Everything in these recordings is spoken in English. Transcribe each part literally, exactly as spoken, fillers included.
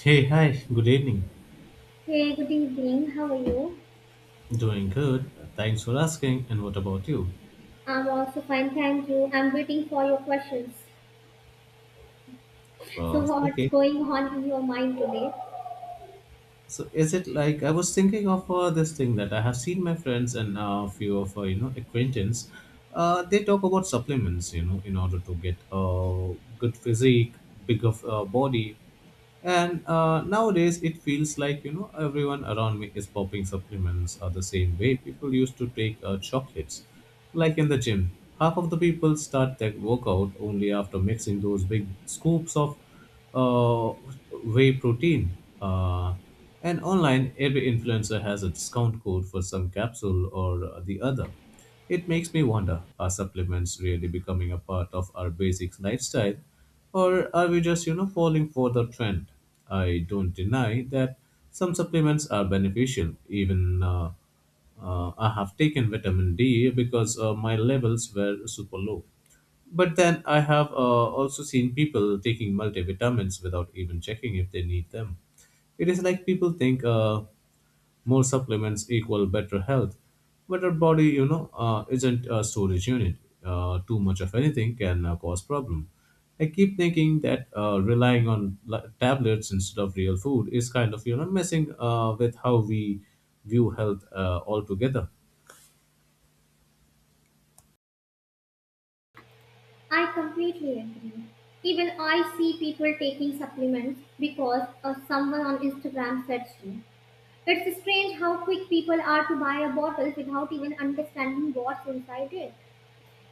Hey, hi, good evening. Hey, good evening. How are you? Doing good. Thanks for asking. And what about you? I'm also fine, thank you. I'm waiting for your questions. Uh, So, what's okay. going on in your mind today? So is it like I was thinking of uh, this thing that I have seen my friends and uh, a few of uh, you know acquaintance. Uh, they talk about supplements, you know, in order to get a good physique, bigger uh, body, and uh, nowadays it feels like you know everyone around me is popping supplements are the same way people used to take uh, chocolates, like in the gym. Half of the people start their workout only after mixing those big scoops of uh, whey protein. Uh, and online, every influencer has a discount code for some capsule or uh, the other. It makes me wonder are supplements really becoming a part of our basic lifestyle, or are we just, you know, falling for the trend? I don't deny that some supplements are beneficial, even uh, uh, I have taken vitamin D because uh, my levels were super low. But then I have uh, also seen people taking multivitamins without even checking if they need them. It is like people think uh, more supplements equal better health, but our body, you know, uh, isn't a storage unit. Uh, too much of anything can uh, cause problem. I keep thinking that uh, relying on la- tablets instead of real food is kind of you know messing uh, with how we view health uh, altogether. I completely agree. Even I see people taking supplements because of someone on Instagram said so. It's strange how quick people are to buy a bottle without even understanding what's inside it.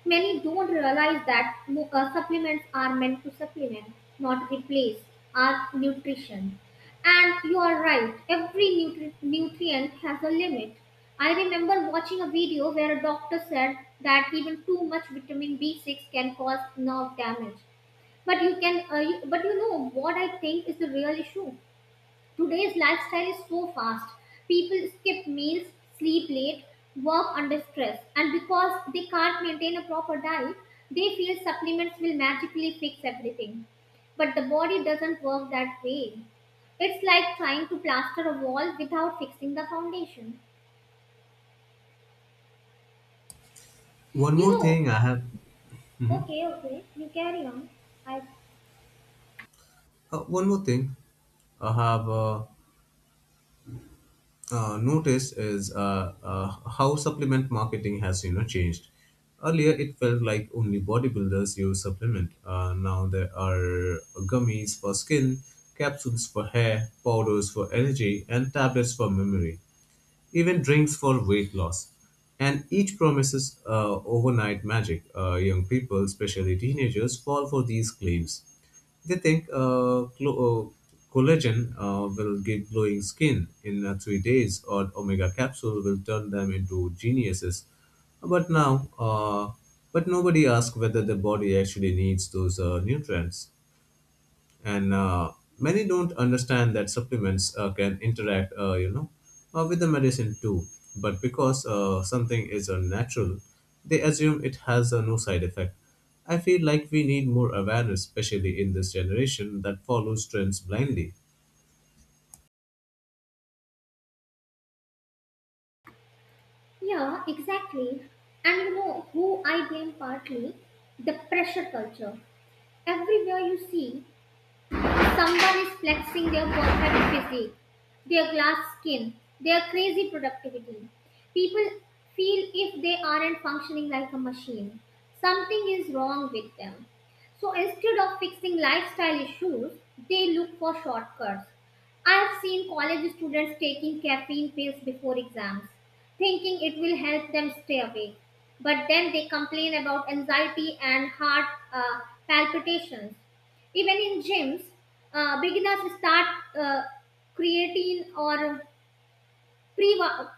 Many don't realize that mocha supplements are meant to supplement, not replace, our nutrition. And you are right, every nutri- nutrient has a limit. I remember watching a video where a doctor said that even too much vitamin B six can cause nerve damage. But you can, uh, you- but you know what I think is the real issue. Today's lifestyle is so fast. People skip meals, sleep late, work under stress, and because they can't maintain a proper diet, they feel supplements will magically fix everything. But the body doesn't work that way. It's like trying to plaster a wall without fixing the foundation. One You more know, thing I have. Mhm. Okay, okay, you carry on. I Uh, one more thing I have uh, uh, noticed is uh, uh, how supplement marketing has you know changed. Earlier, it felt like only bodybuilders use supplement. Uh, now there are gummies for skin, capsules for hair, powders for energy, and tablets for memory even drinks for weight loss. And each promises uh, overnight magic. Uh, young people, especially teenagers, fall for these claims. They think uh, clo- uh, collagen uh, will give glowing skin in uh, three days, or omega capsule will turn them into geniuses. But now, uh, but nobody asks whether the body actually needs those uh, nutrients and uh, many don't understand that supplements uh, can interact uh, you know uh, with the medicine too, but because uh, something is uh, natural, they assume it has uh, no side effect. I feel like we need more awareness, especially in this generation that follows trends blindly. Yeah, exactly. And you know who I blame partly? The pressure culture. Everywhere you see, someone is flexing their perfect physique, their glass skin, their crazy productivity. People feel if they aren't functioning like a machine, something is wrong with them. So instead of fixing lifestyle issues, they look for shortcuts. I've seen college students taking caffeine pills before exams, thinking it will help them stay awake. But then they complain about anxiety and heart uh, palpitations. Even in gyms, uh, beginners start uh, creatine or pre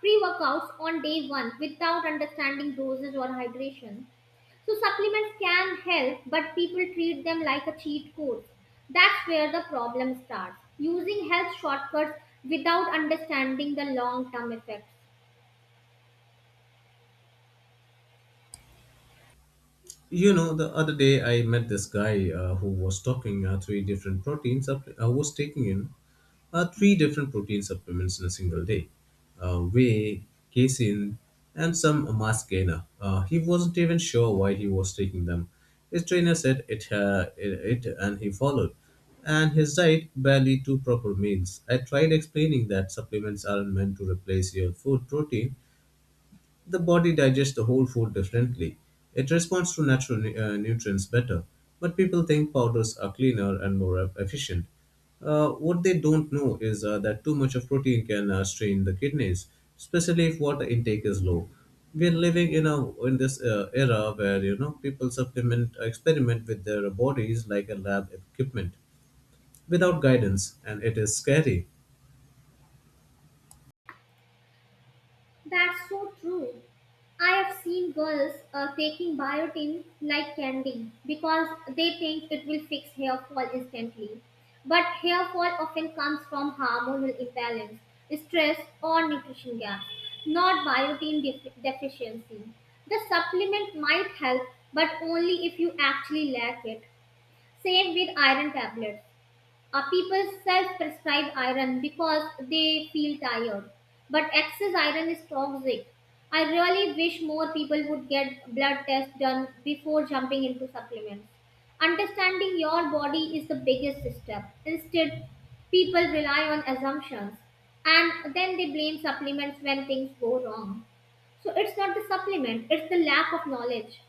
pre workouts on day one without understanding doses or hydration. So supplements can help, but people treat them like a cheat code. That's where the problem starts. Using health shortcuts without understanding the long term effect. You know, the other day I met this guy uh, who was talking uh, three different proteins. Up, uh, was taking in uh, three different protein supplements in a single day, uh, whey, casein, and some mass gainer. Uh, he wasn't even sure why he was taking them. His trainer said it, uh, it, it, and he followed. And his diet barely two proper meals. I tried explaining that supplements aren't meant to replace your food protein, the body digests the whole food differently. It responds to natural nu- uh, nutrients better. But people think powders are cleaner and more e- efficient. Uh, what they don't know is uh, that too much of protein can uh, strain the kidneys, especially if water intake is low. We're living in a in this uh, era where you know people supplement uh, experiment with their bodies like a lab equipment without guidance, and it is scary. That's so true. I have seen girls uh, taking biotin like candy because they think it will fix hair fall instantly. But hair fall often comes from hormonal imbalance, stress, or nutrition gaps, not biotin def- deficiency. The supplement might help, but only if you actually lack it. Same with iron tablets. Uh, people self prescribe iron because they feel tired. But excess iron is toxic. I really wish more people would get blood tests done before jumping into supplements. Understanding your body is the biggest step. Instead, people rely on assumptions and then they blame supplements when things go wrong. So it's not the supplement, it's the lack of knowledge.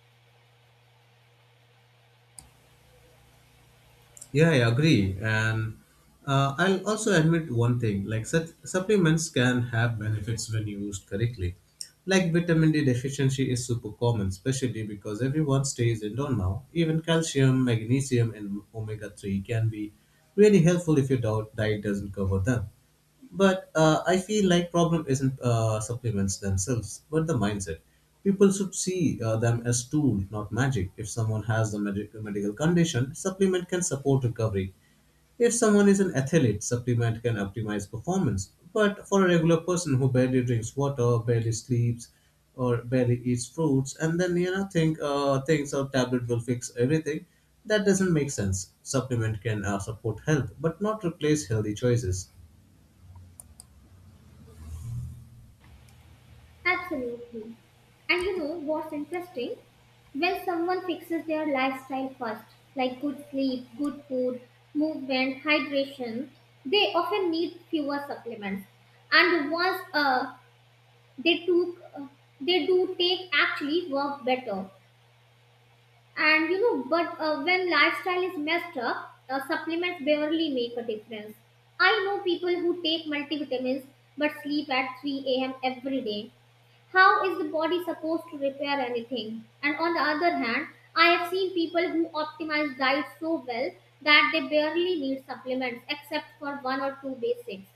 Yeah, I agree. And uh, I'll also admit one thing, like such supplements can have benefits when used correctly. Like vitamin D deficiency is super common, especially because everyone stays indoor now. Even calcium, magnesium, and omega three can be really helpful if your dou- diet doesn't cover them. But uh, I feel like problem isn't uh, supplements themselves, but the mindset. People should see uh, them as tool, not magic. If someone has the medi- medical condition, supplement can support recovery. If someone is an athlete, supplement can optimize performance. But for a regular person who barely drinks water, barely sleeps, or barely eats fruits, and then you know think uh, things or tablet will fix everything, that doesn't make sense. Supplement can uh, support health, but not replace healthy choices. Absolutely. And you know what's interesting? When someone fixes their lifestyle first, like good sleep, good food, movement, hydration, they often need fewer supplements. And once uh, they took, uh, they do take actually work better. And you know, but uh, when lifestyle is messed up, uh, supplements barely make a difference. I know people who take multivitamins but sleep at three a m every day. How is the body supposed to repair anything? And on the other hand, I have seen people who optimize diet so well that they barely need supplements except for one or two basics.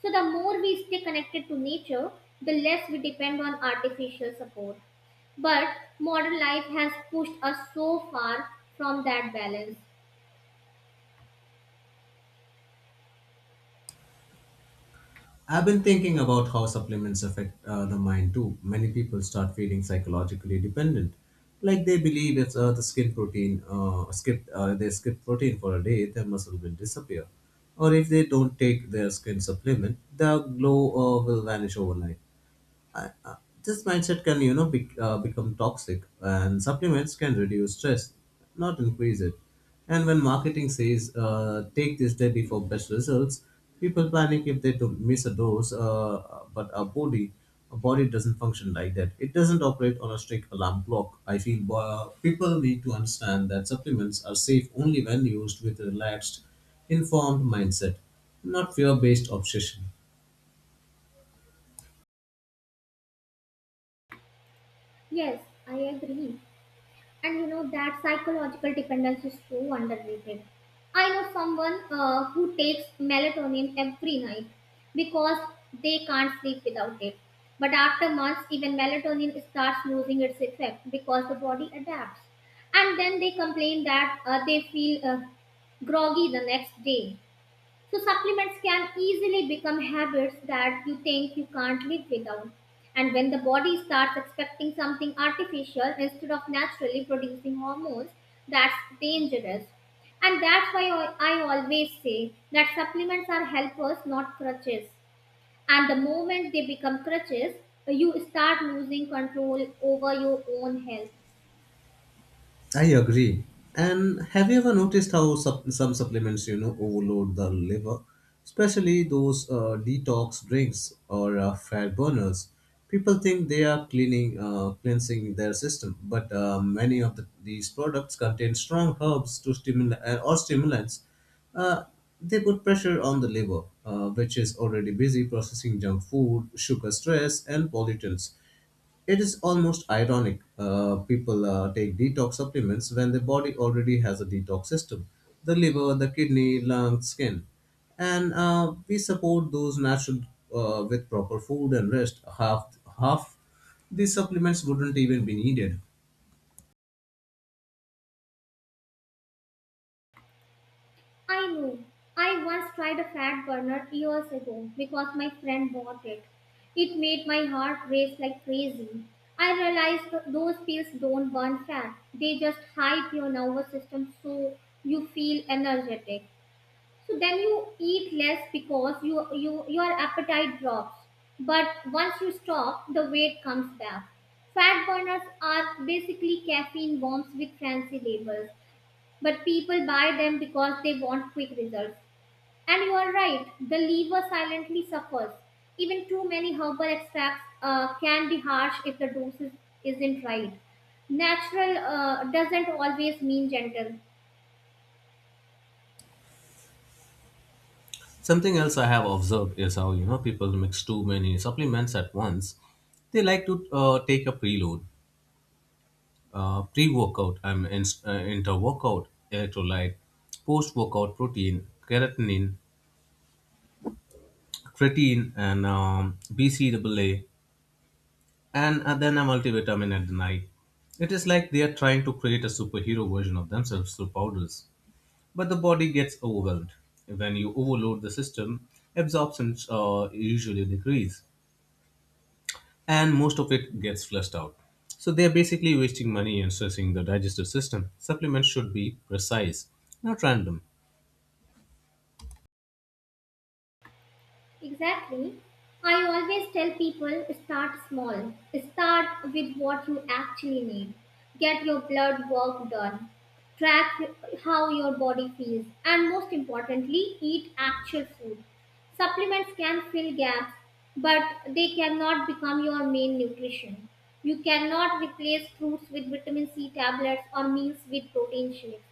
So, the more we stay connected to nature, the less we depend on artificial support. But modern life has pushed us so far from that balance. I've been thinking about how supplements affect uh, the mind too. Many people start feeling psychologically dependent, like they believe if uh, the skin protein. Uh, skip uh, they skip protein for a day, their muscle will disappear, or if they don't take their skin supplement, their glow uh, will vanish overnight. I, I, this mindset can you know bec uh, become toxic, and supplements can reduce stress, not increase it. And when marketing says uh, take this daily for best results, people panic if they do miss a dose. Uh, but our body our body doesn't function like that. It doesn't operate on a strict alarm clock. I feel uh, people need to understand that supplements are safe only when used with a relaxed, informed mindset, not fear based obsession. Yes, I agree. And you know that psychological dependence is so underrated. I know someone uh, who takes melatonin every night because they can't sleep without it. But after months, even melatonin starts losing its effect because the body adapts. And then they complain that uh, they feel uh, groggy the next day. So supplements can easily become habits that you think you can't live without. And when the body starts expecting something artificial instead of naturally producing hormones, that's dangerous. And that's why I I always say that supplements are helpers, not crutches. And the moment they become crutches, you start losing control over your own health. I agree. And have you ever noticed how sup- some supplements, you know, overload the liver, especially those uh, detox drinks or uh, fat burners? People think they are cleaning, uh, cleansing their system, but uh, many of the, these products contain strong herbs to stimulate uh, or stimulants. Uh, they put pressure on the liver, uh, which is already busy processing junk food, sugar stress, and pollutants. It is almost ironic. Uh, people uh, take detox supplements when the body already has a detox system: the liver, the kidney, lungs, skin. And uh, we support those natural uh, with proper food and rest. Half, half the supplements wouldn't even be needed. I know. I once tried a fat burner years ago because my friend bought it. It made my heart race like crazy. I realized th- those pills don't burn fat. They just hype your nervous system so you feel energetic. So then you eat less because you, you, your appetite drops. But once you stop, the weight comes back. Fat burners are basically caffeine bombs with fancy labels, but people buy them because they want quick results. And you are right, the liver silently suffers. Even too many herbal extracts uh, can be harsh if the dosage isn't right. Natural uh, doesn't always mean gentle. Something else I have observed is how you know people mix too many supplements at once. They like to uh, take a preload, uh, pre-workout and inst- uh, inter-workout electrolyte, post-workout protein, creatinine, creatine, and um, B C A A, and uh, then a multivitamin at the night. It is like they are trying to create a superhero version of themselves through powders, but the body gets overwhelmed. When you overload the system, absorption uh, usually decrease, and most of it gets flushed out. So they are basically wasting money and stressing the digestive system. Supplements should be precise, not random. Exactly. I always tell people start small. Start with what you actually need. Get your blood work done. Track how your body feels. And most importantly, eat actual food. Supplements can fill gaps, but they cannot become your main nutrition. You cannot replace fruits with vitamin C tablets or meals with protein shakes.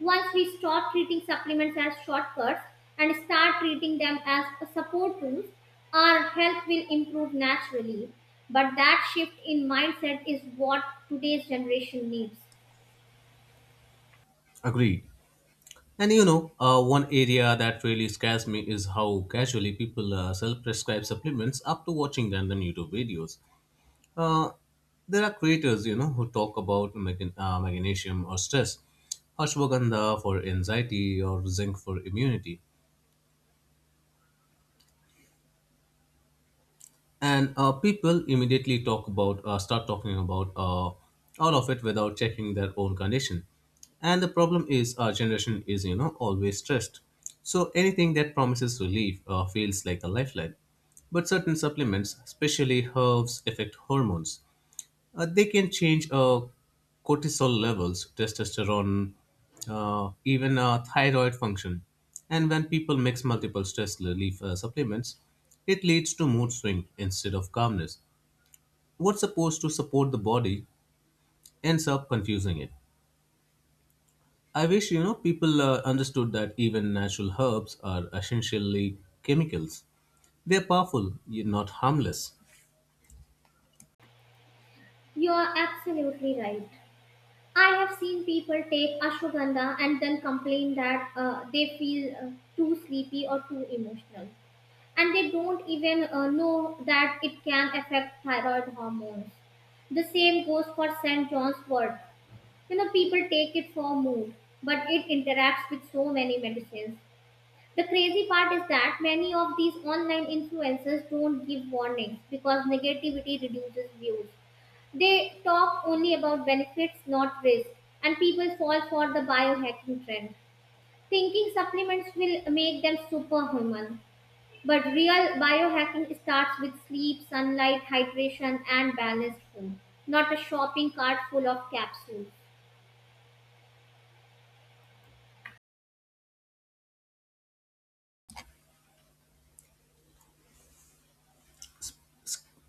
Once we stop treating supplements as shortcuts and start treating them as support tools, our health will improve naturally. But that shift in mindset is what today's generation needs. Agreed. And you know, uh, one area that really scares me is how casually people uh, self prescribe supplements after watching random YouTube videos. Uh, there are creators, you know, who talk about mag- uh, magnesium or stress, ashwagandha for anxiety, or zinc for immunity. And uh, people immediately talk about uh, start talking about uh, all of it without checking their own condition. And the problem is our generation is you know always stressed, so anything that promises relief uh, feels like a lifeline. But certain supplements, especially herbs, affect hormones. Uh, they can change uh, cortisol levels, testosterone, uh, even uh, thyroid function. And when people mix multiple stress relief uh, supplements, it leads to mood swing instead of calmness. What's supposed to support the body ends up confusing it. I wish you know people uh, understood that even natural herbs are essentially chemicals. They're powerful, yet not harmless. You are absolutely right. I have seen people take ashwagandha and then complain that uh, they feel uh, too sleepy or too emotional. And they don't even uh, know that it can affect thyroid hormones. The same goes for Saint John's wort. You know, people take it for a mood, but it interacts with so many medicines. The crazy part is that many of these online influencers don't give warnings because negativity reduces views. They talk only about benefits, not risk. And people fall for the biohacking trend, thinking supplements will make them superhuman. But real biohacking starts with sleep, sunlight, hydration, and balanced food, not a shopping cart full of capsules.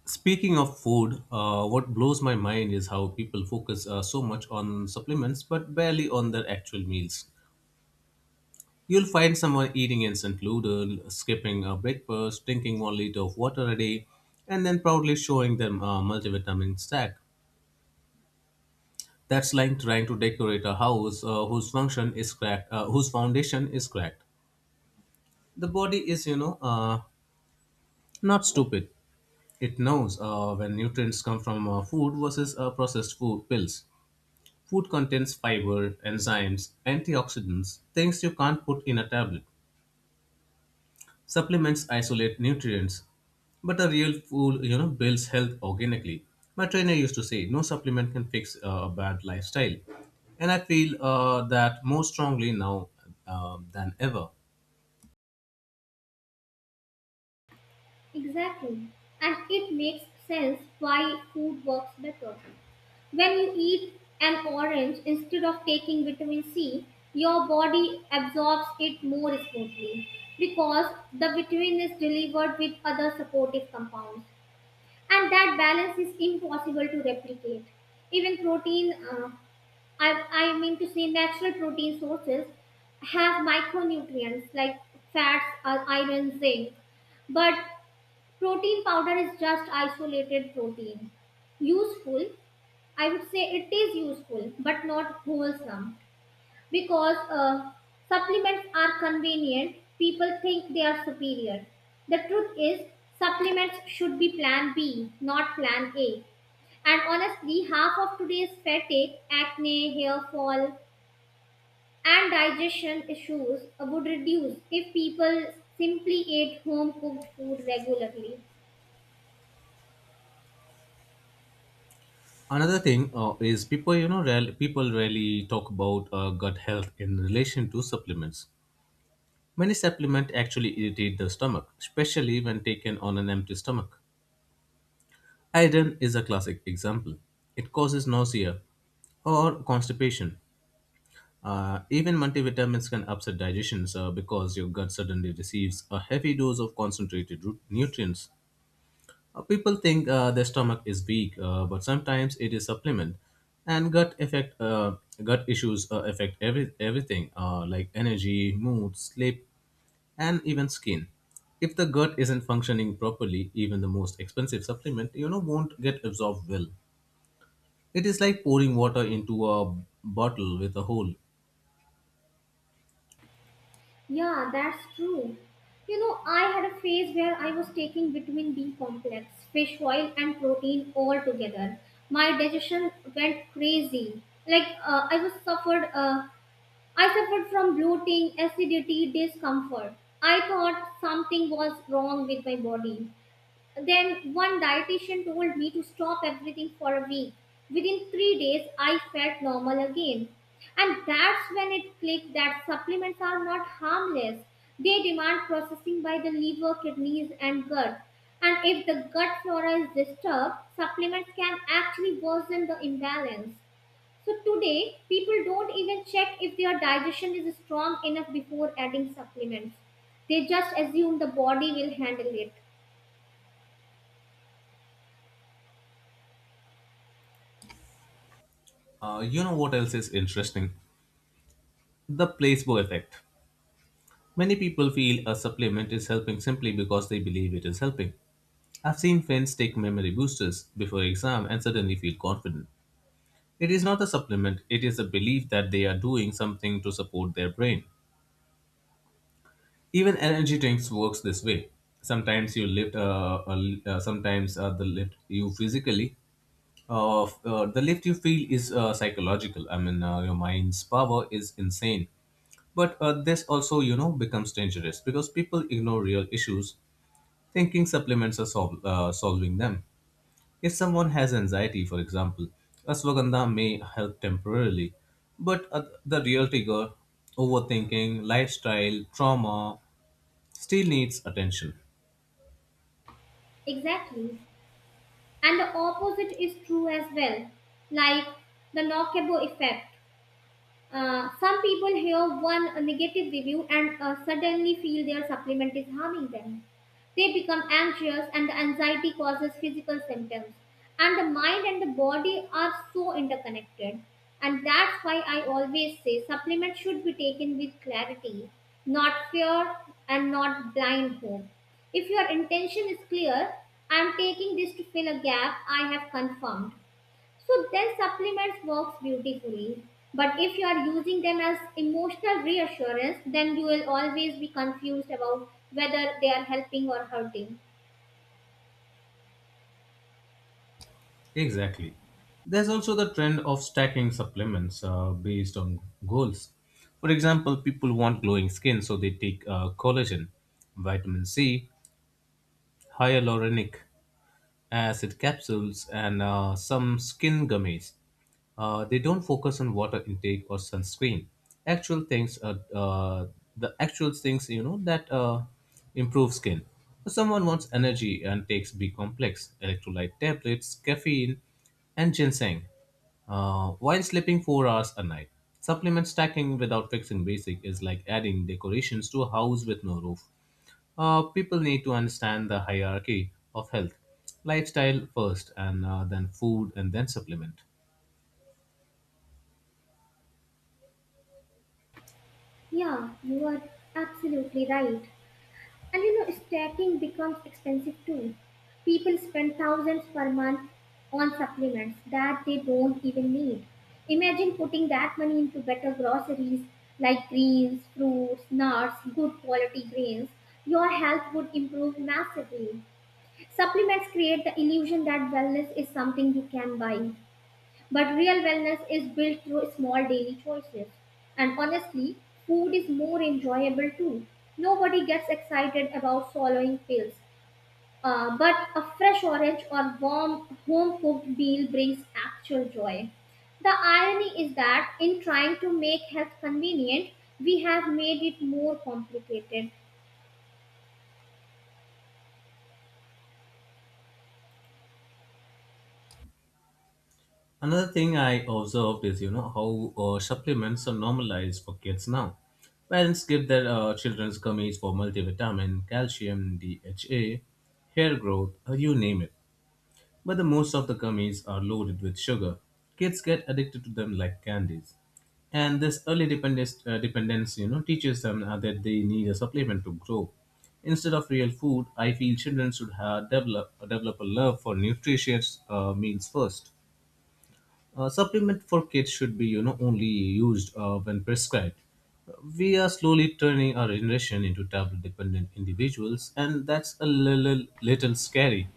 Speaking of food, uh, what blows my mind is how people focus uh, so much on supplements but barely on their actual meals. You'll find someone eating instant noodle, skipping a breakfast, drinking one liter of water a day, and then proudly showing them a multivitamin stack. That's like trying to decorate a house uh, whose function is cracked, uh, whose foundation is cracked. The body is, you know, uh, not stupid. It knows uh, when nutrients come from uh, food versus uh, processed food pills. Food contains fiber, enzymes, antioxidants, things you can't put in a tablet. Supplements isolate nutrients, but a real food, you know, builds health organically. My trainer used to say, no supplement can fix uh, a bad lifestyle, and I feel uh, that more strongly now uh, than ever. Exactly. And it makes sense why food works better. When you eat an orange instead of taking vitamin C, your body absorbs it more smoothly because the vitamin is delivered with other supportive compounds. And that balance is impossible to replicate. Even protein, uh, I, I mean to say natural protein sources, have micronutrients like fats, uh, iron, zinc, but protein powder is just isolated protein. Useful, I would say it is useful, but not wholesome. Because uh, supplements are convenient, people think they are superior. The truth is, supplements should be plan B, not plan A. And honestly, half of today's fatigue, acne, hair fall, and digestion issues would reduce if people simply ate home cooked food regularly. Another thing uh, is people, you know, rarely, people rarely talk about uh, gut health in relation to supplements. Many supplements actually irritate the stomach, especially when taken on an empty stomach. Iodine is a classic example. It causes nausea or constipation. Uh, even multivitamins can upset digestion sir, because your gut suddenly receives a heavy dose of concentrated root nutrients. Uh, people think uh, their stomach is weak, uh, but sometimes it is supplement. And gut effect, uh, gut issues uh, affect every everything uh, like energy, mood, sleep, and even skin. If the gut isn't functioning properly, even the most expensive supplement, you know, won't get absorbed well. It is like pouring water into a bottle with a hole. Yeah, that's true. You know, I had a phase where I was taking vitamin B complex, fish oil, and protein all together. My digestion went crazy. Like uh, I was suffered. Uh, I suffered from bloating, acidity, discomfort. I thought something was wrong with my body. Then one dietitian told me to stop everything for a week. Within three days, I felt normal again. And that's when it clicked that supplements are not harmless. They demand processing by the liver, kidneys, and gut. And if the gut flora is disturbed, supplements can actually worsen the imbalance. So today, people don't even check if their digestion is strong enough before adding supplements. They just assume the body will handle it. Uh, you know what else is interesting? The placebo effect. Many people feel a supplement is helping simply because they believe it is helping. I've seen friends take memory boosters before exam and suddenly feel confident. It is not a supplement, it is a belief that they are doing something to support their brain. Even energy drinks works this way. Sometimes you lift, uh, uh, uh, sometimes uh, the lift you physically, uh, f- uh, the lift you feel is uh, psychological. I mean, uh, your mind's power is insane. But uh, this also, you know, becomes dangerous because people ignore real issues, thinking supplements are sol- uh, solving them. If someone has anxiety, for example, ashwagandha may help temporarily, but uh, the real trigger, overthinking, lifestyle, trauma, still needs attention. Exactly. And the opposite is true as well, like the Lockable effect. Uh, some people hear one uh, negative review and uh, suddenly feel their supplement is harming them. They become anxious, and the anxiety causes physical symptoms. And the mind and the body are so interconnected. And that's why I always say supplements should be taken with clarity, not fear, and not blind hope. If your intention is clear, I'm taking this to fill a gap I have confirmed. So then supplements works beautifully. But if you are using them as emotional reassurance, then you will always be confused about whether they are helping or hurting. Exactly. There's also the trend of stacking supplements uh, based on goals. For example, people want glowing skin, so they take uh, collagen, vitamin C, hyaluronic acid capsules, and uh, some skin gummies. Uh, they don't focus on water intake or sunscreen. Actual things, uh, uh, the actual things you know that uh, improve skin. If someone wants energy and takes B complex, electrolyte tablets, caffeine, and ginseng uh, while sleeping four hours a night. Supplement stacking without fixing basic is like adding decorations to a house with no roof. Uh, people need to understand the hierarchy of health, lifestyle first, and uh, then food, and then supplement. Yeah, you are absolutely right. And you know, stacking becomes expensive too. People spend thousands per month on supplements that they don't even need. Imagine putting that money into better groceries like greens, fruits, nuts, good quality grains. Your health would improve massively. Supplements create the illusion that wellness is something you can buy. But real wellness is built through small daily choices. And honestly, food is more enjoyable too. Nobody gets excited about swallowing pills. Uh, but a fresh orange or warm home cooked meal brings actual joy. The irony is that in trying to make health convenient, we have made it more complicated. Another thing I observed is, you know, how uh, supplements are normalized for kids now. Parents give their uh, children's gummies for multivitamin, calcium, D H A, hair growth, or you name it. But the most of the gummies are loaded with sugar. Kids get addicted to them like candies. And this early dependence, uh, dependence you know, teaches them uh, that they need a supplement to grow. Instead of real food, I feel children should have develop, develop a love for nutritious uh, meals first. Uh, supplement for kids should be, you know, only used uh, when prescribed. We are slowly turning our generation into tablet dependent individuals, and that's a little, little scary.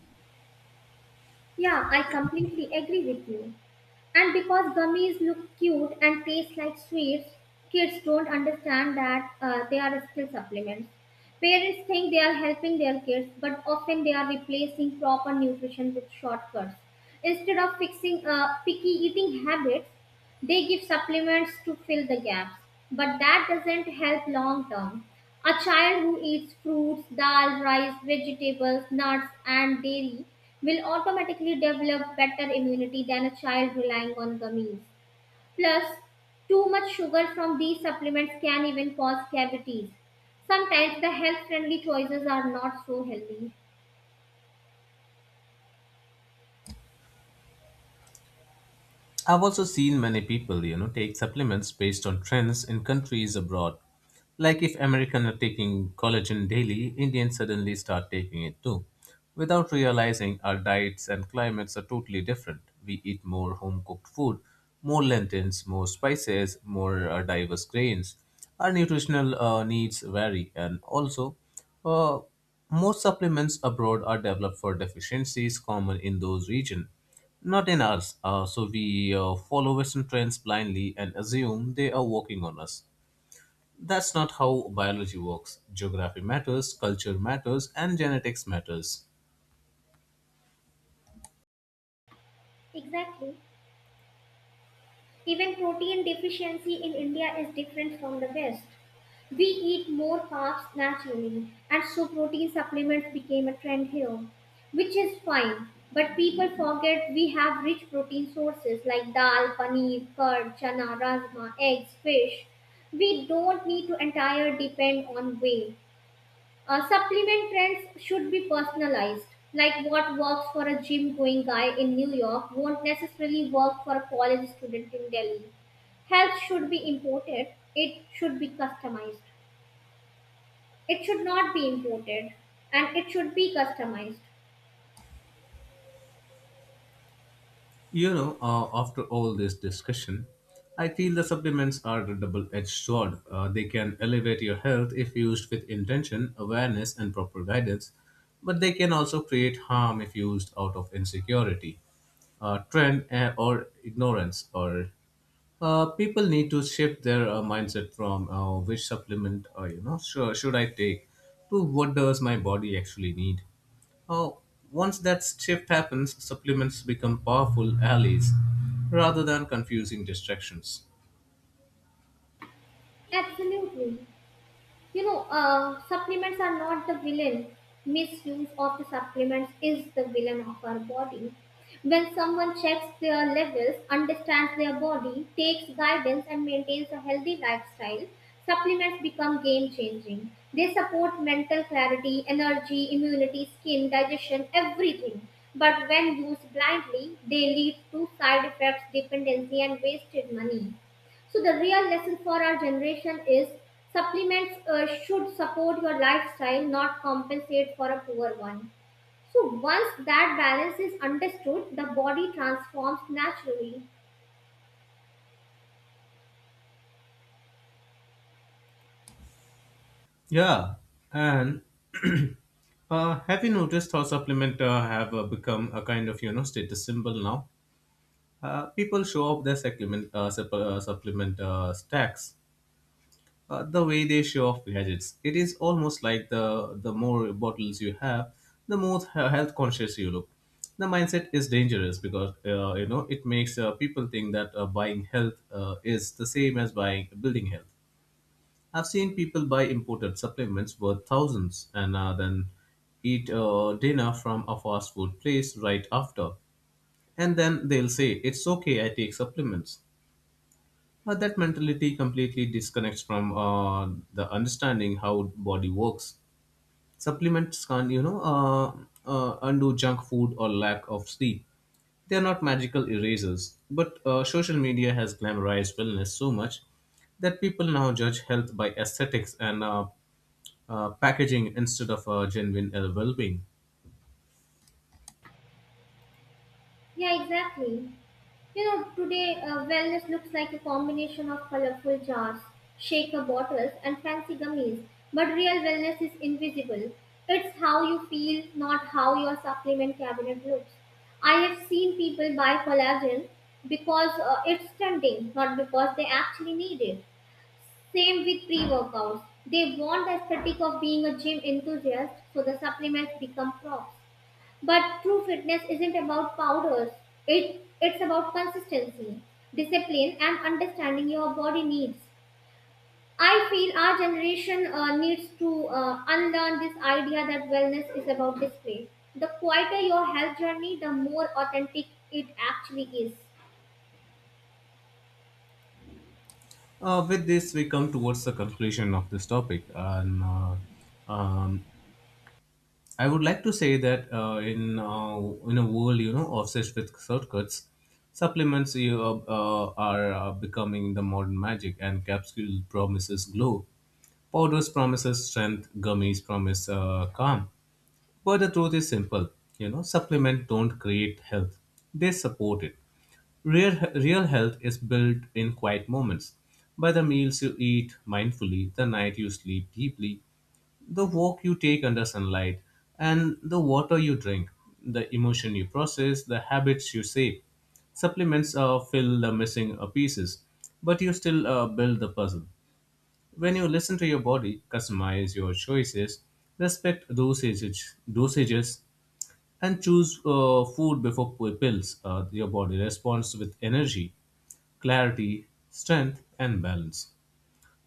Yeah, I completely agree with you. And because gummies look cute and taste like sweets, kids don't understand that uh, they are still supplements. Parents think they are helping their kids, but often they are replacing proper nutrition with shortcuts. Instead of fixing uh, picky eating habits, they give supplements to fill the gaps, but that doesn't help long term. A child who eats fruits, dal, rice, vegetables, nuts, and dairy will automatically develop better immunity than a child relying on gummies. Plus, too much sugar from these supplements can even cause cavities. Sometimes the health friendly choices are not so healthy. I've also seen many people, you know, take supplements based on trends in countries abroad. Like if Americans are taking collagen daily, Indians suddenly start taking it too. Without realizing our diets and climates are totally different. We eat more home cooked food, more lentils, more spices, more uh, diverse grains. Our nutritional uh, needs vary, and also, uh, most supplements abroad are developed for deficiencies common in those regions. Not in ours. Uh, so we uh, follow Western trends blindly and assume they are working on us. That's not how biology works. Geography matters, culture matters, and genetics matters. Exactly. Even protein deficiency in India is different from the West. We eat more carbs naturally, and so protein supplements became a trend here, which is fine. But people forget we have rich protein sources like dal, paneer, curd, chana, rajma, eggs, fish. We don't need to entirely depend on whey. Uh, supplement trends should be personalized. Like what works for a gym going guy in New York won't necessarily work for a college student in Delhi. Health should be imported, it should be customized. It should not be imported and it should be customized. You know, uh, after all this discussion, I feel the supplements are a double edged sword. Uh, they can elevate your health if used with intention, awareness, and proper guidance, but they can also create harm if used out of insecurity, uh, trend, eh, or ignorance, or Uh, people need to shift their uh, mindset from uh, which supplement, uh, you know, sure, should I take, to what does my body actually need. Uh, Once that shift happens, supplements become powerful allies rather than confusing distractions. Absolutely. You know, uh, supplements are not the villain. Misuse of the supplements is the villain of our body. When someone checks their levels, understands their body, takes guidance, and maintains a healthy lifestyle, supplements become game changing. They support mental clarity, energy, immunity, skin, digestion, everything. But when used blindly, they lead to side effects, dependency, and wasted money. So the real lesson for our generation is supplements uh, should support your lifestyle, not compensate for a poor one. So once that balance is understood, the body transforms naturally. Yeah, and uh, have you noticed how supplement uh, have uh, become a kind of, you know status symbol now? Uh, people show off their supplement uh, supp- uh, supplement uh, stacks uh, the way they show off gadgets. It is almost like the the more bottles you have, the more he- health conscious you look. The mindset is dangerous because, uh, you know it makes uh, people think that uh, buying health uh, is the same as buying building health. I've seen people buy imported supplements worth thousands and uh, then eat uh, dinner from a fast food place right after, and then they'll say, it's okay, I take supplements. Uh, that mentality completely disconnects from uh, the understanding how body works. Supplements can, not you know, uh, uh, undo junk food or lack of sleep. They are not magical erasers, but uh, social media has glamorized wellness so much that people now judge health by aesthetics and uh, uh, packaging instead of uh, genuine uh, well-being. Yeah, exactly. You know, today uh, wellness looks like a combination of colorful jars, shaker bottles, and fancy gummies. But real wellness is invisible. It's how you feel, not how your supplement cabinet looks. I have seen people buy collagen because uh, it's tempting, not because they actually need it. Same with pre workouts. They want the aesthetic of being a gym enthusiast, so the supplements become props. But true fitness isn't about powders. It it's about consistency, discipline, and understanding your body needs. I feel our generation uh, needs to uh, unlearn this idea that wellness is about display. The quieter your health journey, the more authentic it actually is. Uh, with this, we come towards the conclusion of this topic, and uh, um, I would like to say that, uh, in uh, in a world, you know obsessed with shortcuts, supplements you, uh, uh, are uh, becoming the modern magic, and capsule promises glow, powders promises strength, gummies promise uh, calm. But the truth is simple, you know, supplements don't create health, they support it. Real, real health is built in quiet moments by the meals you eat mindfully, the night you sleep deeply, the walk you take under sunlight, and the water you drink, the emotion you process, the habits you save. Supplements uh, fill the missing uh, pieces, but you still uh, build the puzzle. When you listen to your body, customize your choices, respect dosages, dosages and choose uh, food before p- pills, uh, your body responds with energy, clarity, strength, and balance.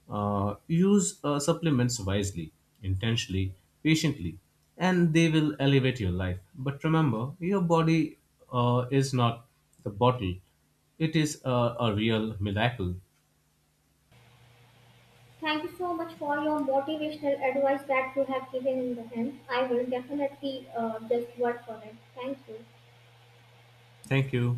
Uh, use uh, supplements wisely, intentionally, patiently, and they will elevate your life. But remember, your body uh, is not the bottle, it is uh, a real miracle. Thank you so much for your motivational advice that you have given in the end. I will definitely uh, just work on it. Thank you. Thank you.